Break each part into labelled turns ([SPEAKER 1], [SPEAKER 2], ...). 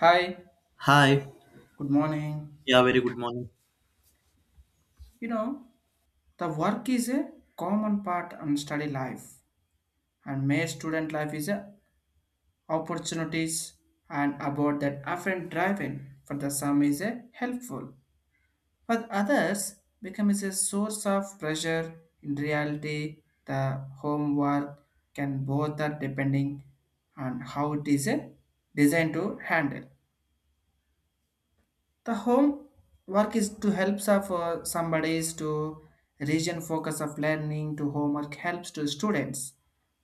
[SPEAKER 1] Hi,
[SPEAKER 2] Hi.
[SPEAKER 1] good morning.
[SPEAKER 2] Yeah, very good morning.
[SPEAKER 1] You know, the work is a common part in study life, and my student life is a opportunities, and about that often driving for the some is a helpful, but others becomes a source of pressure. In reality, the homework can both are depending on how it is a designed to handle. The home work is to helps of somebody is to region focus of learning to homework helps to students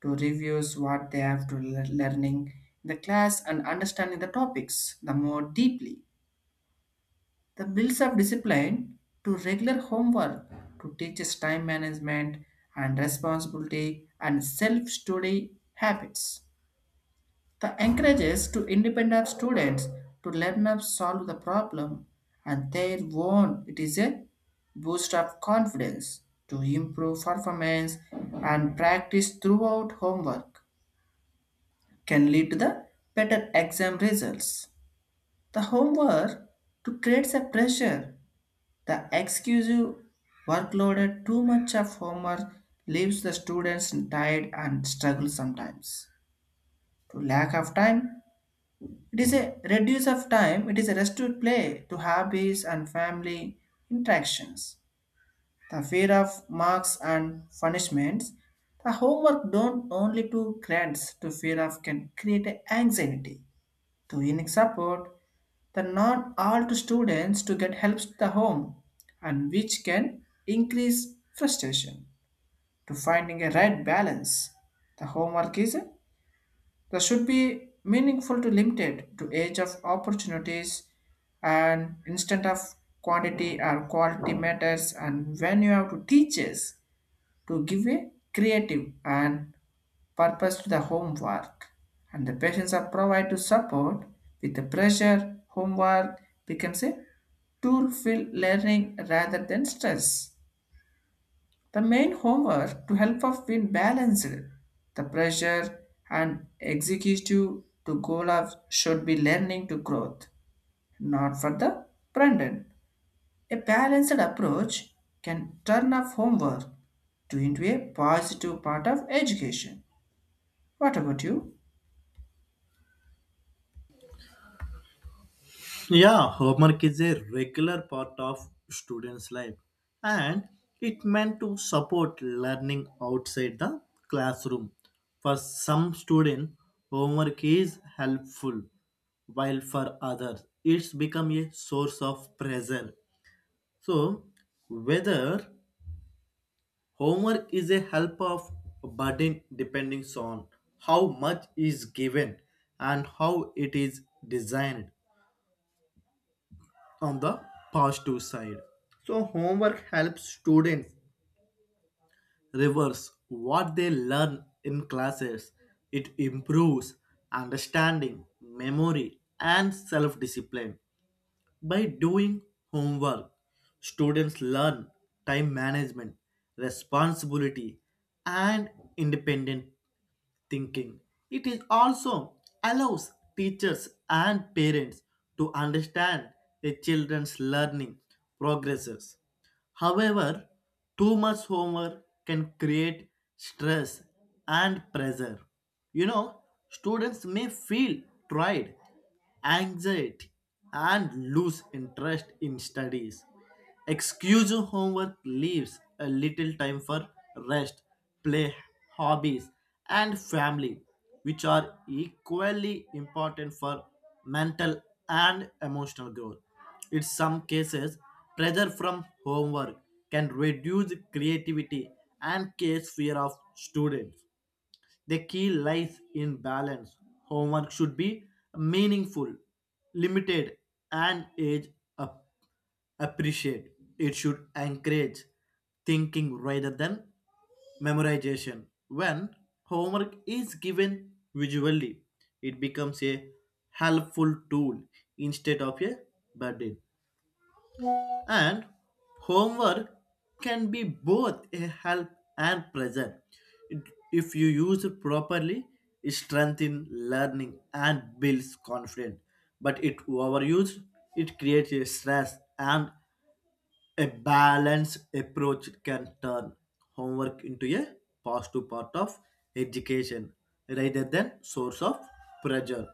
[SPEAKER 1] to reviews what they have to learning in the class, and understanding the topics the more deeply the builds of discipline to regular homework to teaches time management and responsibility and self-study habits the encourages to independent students to learn up solve the problem and their own. It is a boost of confidence to improve performance, and practice throughout homework can lead to the better exam results. The homework to creates a pressure. The excessive workload too much of homework leaves the students tired and struggle sometimes. To lack of time, it is a reduce of time, it is a rest to play, to hobbies and family interactions. The fear of marks and punishments. The homework don't only to grants to fear of can create a anxiety. To unique support, the not all to students to get helps to the home, and which can increase frustration to finding a right balance. The homework is that should be meaningful to limited to age of opportunities, and instant of quantity and quality matters, and when you have to teachers to give a creative and purpose to the homework, and the patients are provide to support with the pressure homework becomes a tool for learning rather than stress the main homework to help us been balanced. The pressure and executive to goal of should be learning to growth, not for the Brandon. A balanced approach can turn off homework to into a positive part of education. What about you?
[SPEAKER 2] Yeah, homework is a regular part of students' life and it meant to support learning outside the classroom. For some students, homework is helpful, while for others, it's become a source of pressure. So, whether homework is a help of burden depends on how much is given and how it is designed on the positive side. So, homework helps students. Reverse what they learn in classes. It improves understanding, memory, and self discipline. By doing homework, students learn time management, responsibility, and independent thinking. It is also allows teachers and parents to understand a children's learning progresses. However, too much homework can create stress and pressure. You know, students may feel tried, anxiety, and lose interest in studies. Excuse homework leaves a little time for rest, play, hobbies, and family, which are equally important for mental and emotional growth. In some cases, pressure from homework can reduce creativity and case fear of students. The key lies in balance. Homework should be meaningful, limited, and age ap- appreciate. It should encourage thinking rather than memorization. When homework is given visually, it becomes a helpful tool instead of a burden, and homework can be both a help and present. If you use it properly, it strengthens learning and builds confidence, but it overused, it creates a stress. And a balanced approach can turn homework into a positive part of education rather than source of pressure.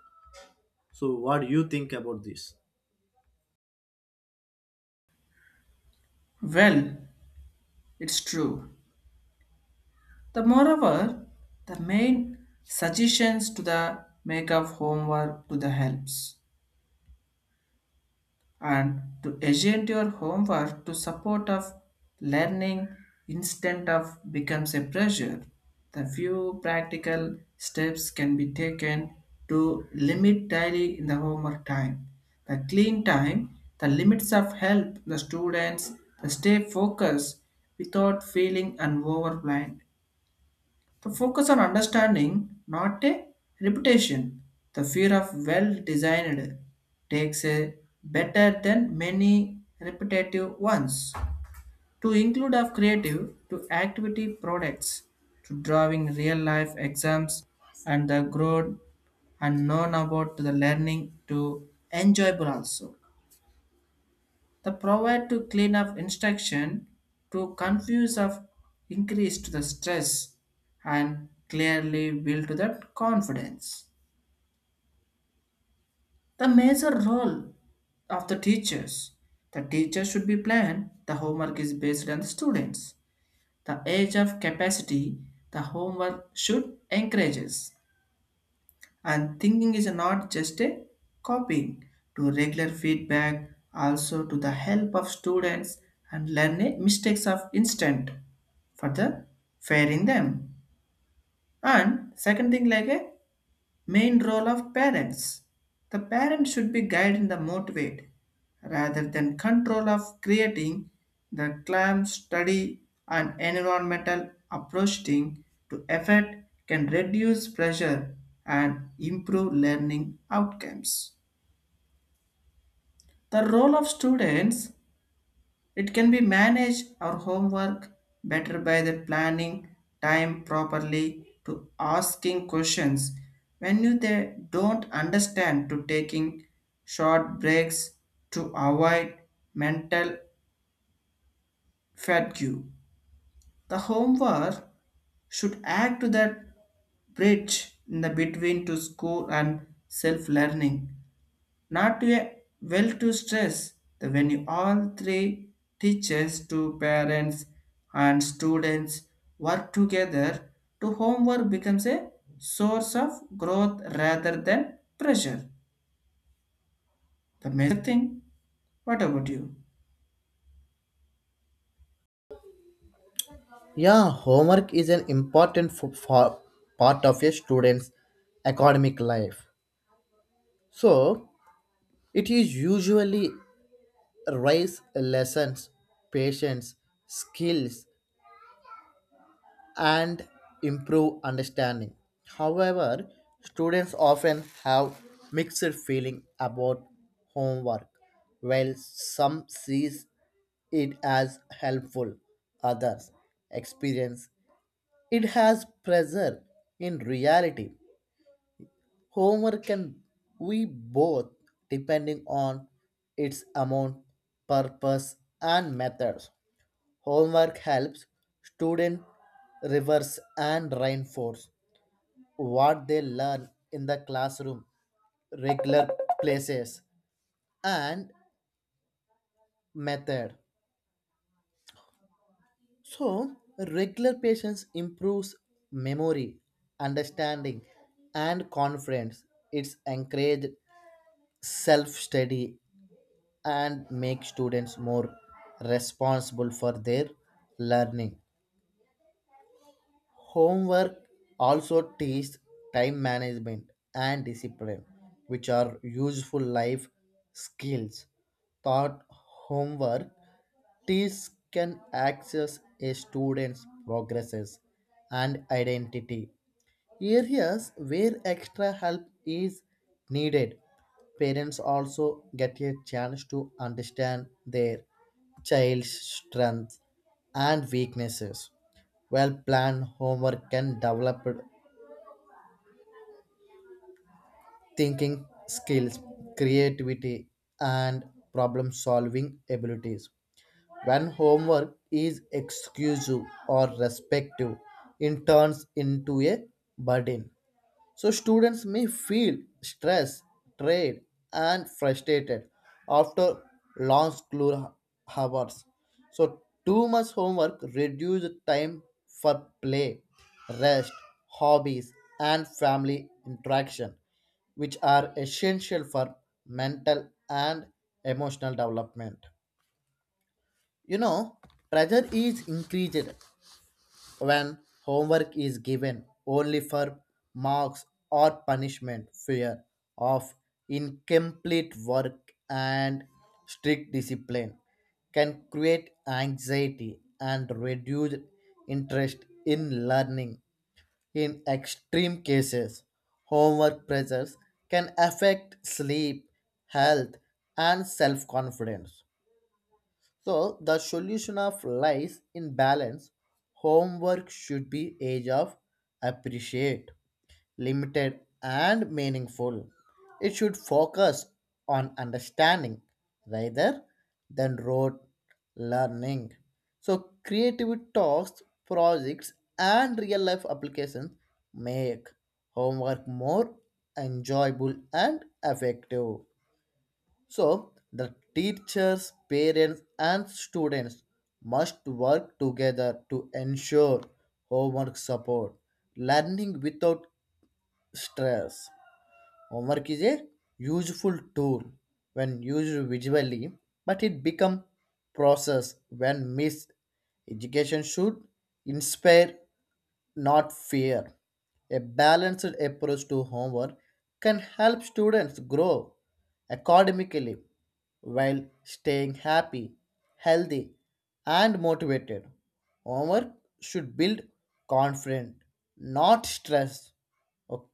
[SPEAKER 2] So what do you think about this?
[SPEAKER 1] Well, it's true. The moreover, the main suggestions to the make of homework to the helps. And to agent your homework to support of learning instead of becomes a pressure. The few practical steps can be taken to limit daily in the homework time. The clean time, the limits of help the students, to stay focused without feeling and overwhelmed. The focus on understanding, not a reputation. The fear of well designed takes a better than many repetitive ones. To include of creative to activity products to drawing real life exams, and the growth, and known about the learning to enjoyable also. The provide to clean up instruction to confuse of increase to the stress, and clearly build to that confidence. The major role of the teachers. The teacher should be planned. The homework is based on the students. The age of capacity. The homework should encourages. And thinking is not just a copying to regular feedback, also to the help of students and learning mistakes of instant for the fairing them. And second thing like a main role of parents. The parent should be guided and motivated rather than control of creating the clam study and environmental approaching to effort can reduce pressure and improve learning outcomes. The role of students it can be managed our homework better by the planning time properly to asking questions when you they don't understand to taking short breaks to avoid mental fatigue. The homework should act to that bridge in the between to school and self-learning, not a well to stress the when you all three teachers to parents and students work together to homework becomes a source of growth rather than pressure. The major thing, what about you?
[SPEAKER 2] Yeah, homework is an important for part of a student's academic life. So, it is usually raise lessons, patience, skills, and improve understanding. However, students often have mixed feeling about homework. While some sees it as helpful, others experience It has pressure in reality. Homework can we both depending on its amount, purpose and methods. Homework helps students reverse and reinforce what they learn in the classroom, regular places and method. So regular patience improves memory, understanding and confidence. It's encouraged self study and make students more responsible for their learning. Homework also teaches time management and discipline, which are useful life skills. Thought homework teaches can access a student's progresses and identity areas where extra help is needed. Parents also get a chance to understand their child's strengths and weaknesses. Well planned homework can develop thinking skills, creativity, and problem solving abilities. When homework is exclusive or respective, it turns into a burden. So students may feel stressed, tired, and frustrated after long school hours. So too much homework reduces time for play, rest, hobbies, and family interaction, which are essential for mental and emotional development. You know, pressure is increased when homework is given only for marks or punishment, fear of incomplete work and strict discipline can create anxiety and reduce interest in learning. In extreme cases, homework pressures can affect sleep, health, and self confidence. So the solution of lies in balance. Homework should be age of appreciate, limited and meaningful. It should focus on understanding rather than rote learning. So creative talks, projects and real life applications make homework more enjoyable and effective. So, the teachers, parents, and students must work together to ensure homework support learning without stress. Homework is a useful tool when used visually, but it becomes process when missed. Education should inspire not fear. A balanced approach to homework can help students grow academically while staying happy, healthy, and motivated. Homework should build confidence, not stress. Okay.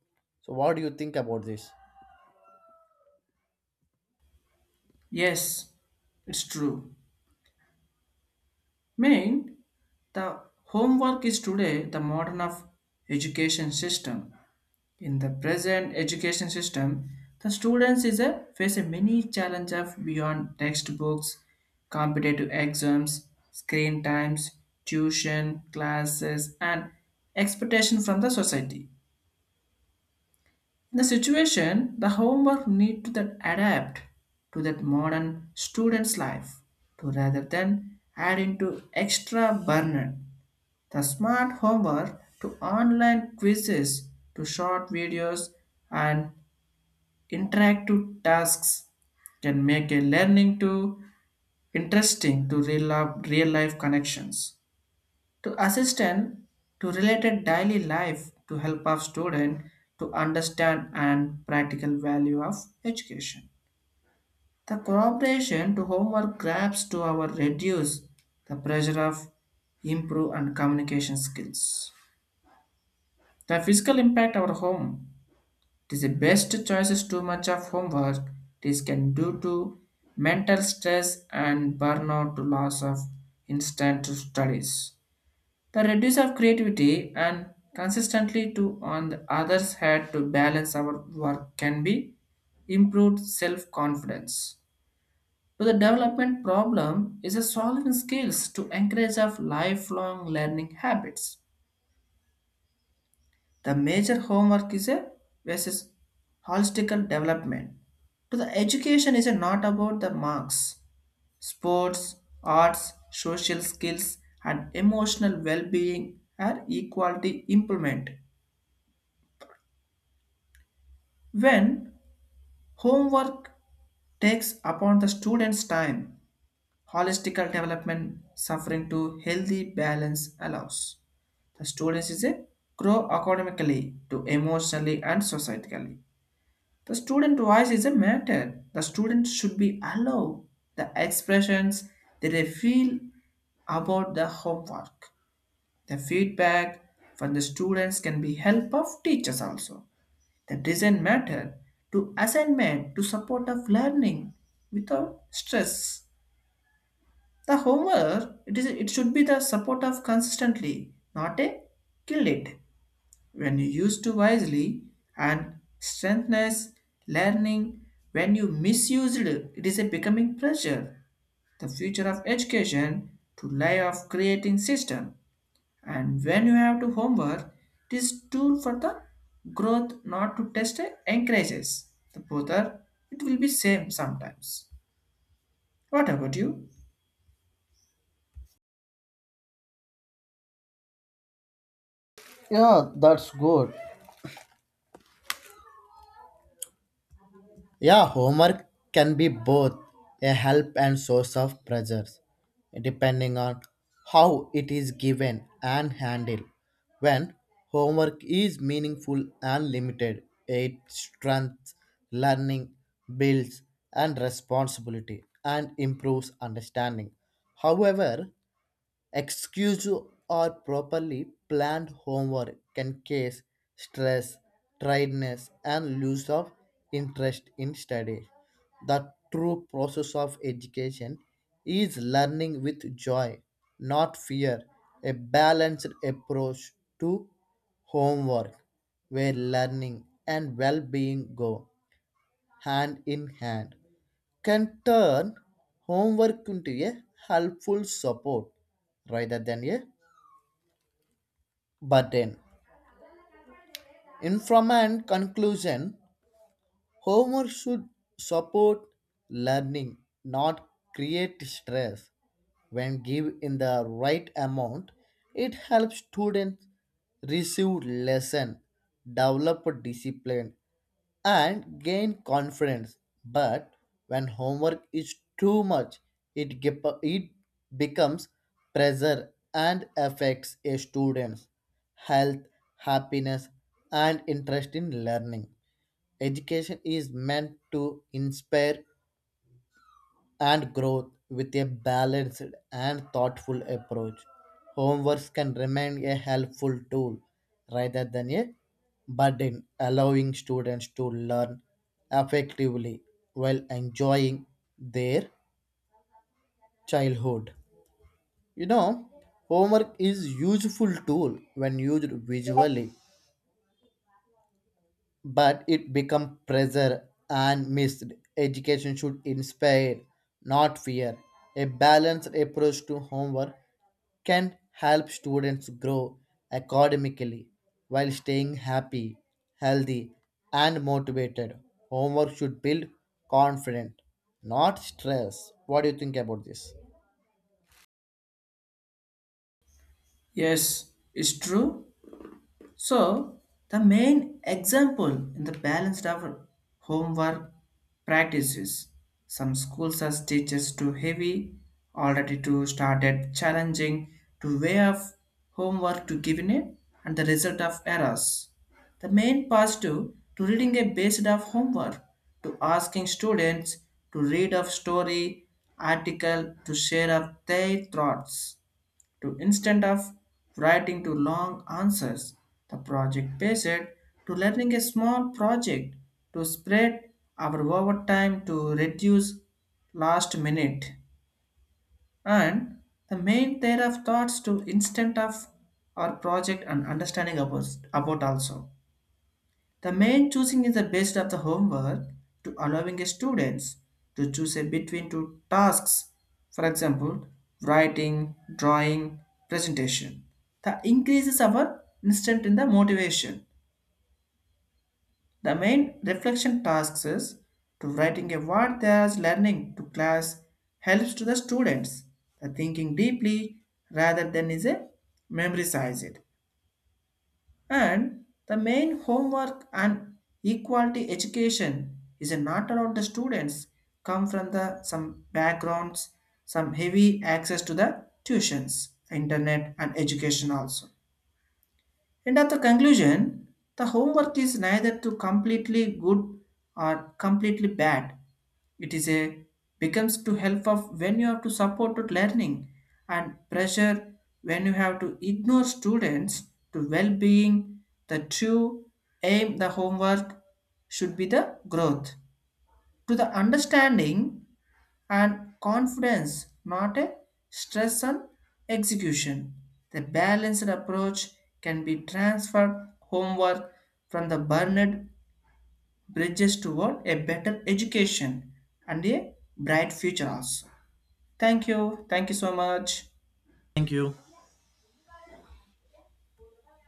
[SPEAKER 2] So, what do you think about this?
[SPEAKER 1] Yes, it's true. Mean the homework is today the modern of education system. In the present education system, the students is a, face a many challenge of beyond textbooks, competitive exams, screen times, tuition, classes, and expectation from the society. In the situation, the homework need to that adapt to that modern student's life to rather than add into extra burden. The smart homework to online quizzes to short videos, and interactive tasks can make a learning to interesting to real life connections. To assistant to related daily life to help our student to understand and practical value of education. The cooperation to homework grabs to our reduce the pressure of improve and communication skills. The physical impact our home. It is the best choices too much of homework. This can due to mental stress and burnout to loss of instant to studies. The reduce of creativity and consistently to on the others head to balance our work can be improved self-confidence. To the development problem is a solving skills to encourage of lifelong learning habits. The major homework is a versus holistical development. To the education is a not about the marks, sports, arts, social skills, and emotional well-being are equality implement. When homework takes upon the student's time, holistical development suffering to healthy balance allows the students is a grow academically to emotionally and societally. The student voice is a matter. The student should be allowed the expressions that they feel about the homework. The feedback from the students can be help of teachers also. The design matter to assignment to support of learning without stress. The homework it should be the support of consistently, not a kill it when you use to wisely and strengthens learning when you misused it is a becoming pressure the future of education to lie of creating system, and when you have to homework this tool for the growth not to test it encourages the both are it will be same sometimes. What about you?
[SPEAKER 2] Yeah, that's good. Yeah, homework can be both a help and source of pressures, depending on how it is given and handled. When homework is meaningful and limited, it strengthens learning, builds and responsibility, and improves understanding. However, Excuse or properly planned homework can cause stress, tiredness, and loss of interest in study. The true process of education is learning with joy, not fear. A balanced approach to homework where learning and well being go hand in hand can turn homework into a helpful support rather than a burden. In from and conclusion, homework should support learning, not create stress. When give in the right amount, it helps students receive lesson, develop discipline, and gain confidence. But when homework is too much, it becomes pressure and affects a student's health, happiness, and interest in learning. Education is meant to inspire and growth with a balanced and thoughtful approach. Homeworks can remain a helpful tool rather than a burden, allowing students to learn effectively while enjoying their childhood. You know, homework is useful tool when used visually but it become pressure and missed. Education should inspire, not fear. A balanced approach to homework can help students grow academically while staying happy, healthy, and motivated. Homework should build confidence, not stress. What do you think about this?
[SPEAKER 1] Yes, it's true. So, the main example in the balanced our homework practices. Some schools as teachers too heavy, already too started challenging to way of homework to given it, and the result of errors. The main positive to reading a based of homework to asking students to read of story, article to share of their thoughts to instead of writing to long answers, the project based to learning a small project to spread our overtime to reduce last minute, and the main theory of thoughts to instant of our project and understanding about also. The main choosing is the best of the homework to allowing students to choose a between two tasks. For example, writing, drawing, presentation. The increases our instant in the motivation. The main reflection tasks is to writing a what they are learning to class helps to the students. The thinking deeply rather than is a memorized. And the main homework and equality education is not allowed the students come from the some backgrounds, some heavy access to the tuitions, internet and education also. And at the conclusion, the homework is neither to completely good or completely bad. It is a becomes to help of when you have to support to learning and pressure when you have to ignore students to well-being. The true aim the homework should be the growth to the understanding and confidence, not a stress and execution. The balanced approach can be transferred homework from the burned bridges toward a better education and a bright future also. Thank you. Thank you so much.
[SPEAKER 2] Thank you.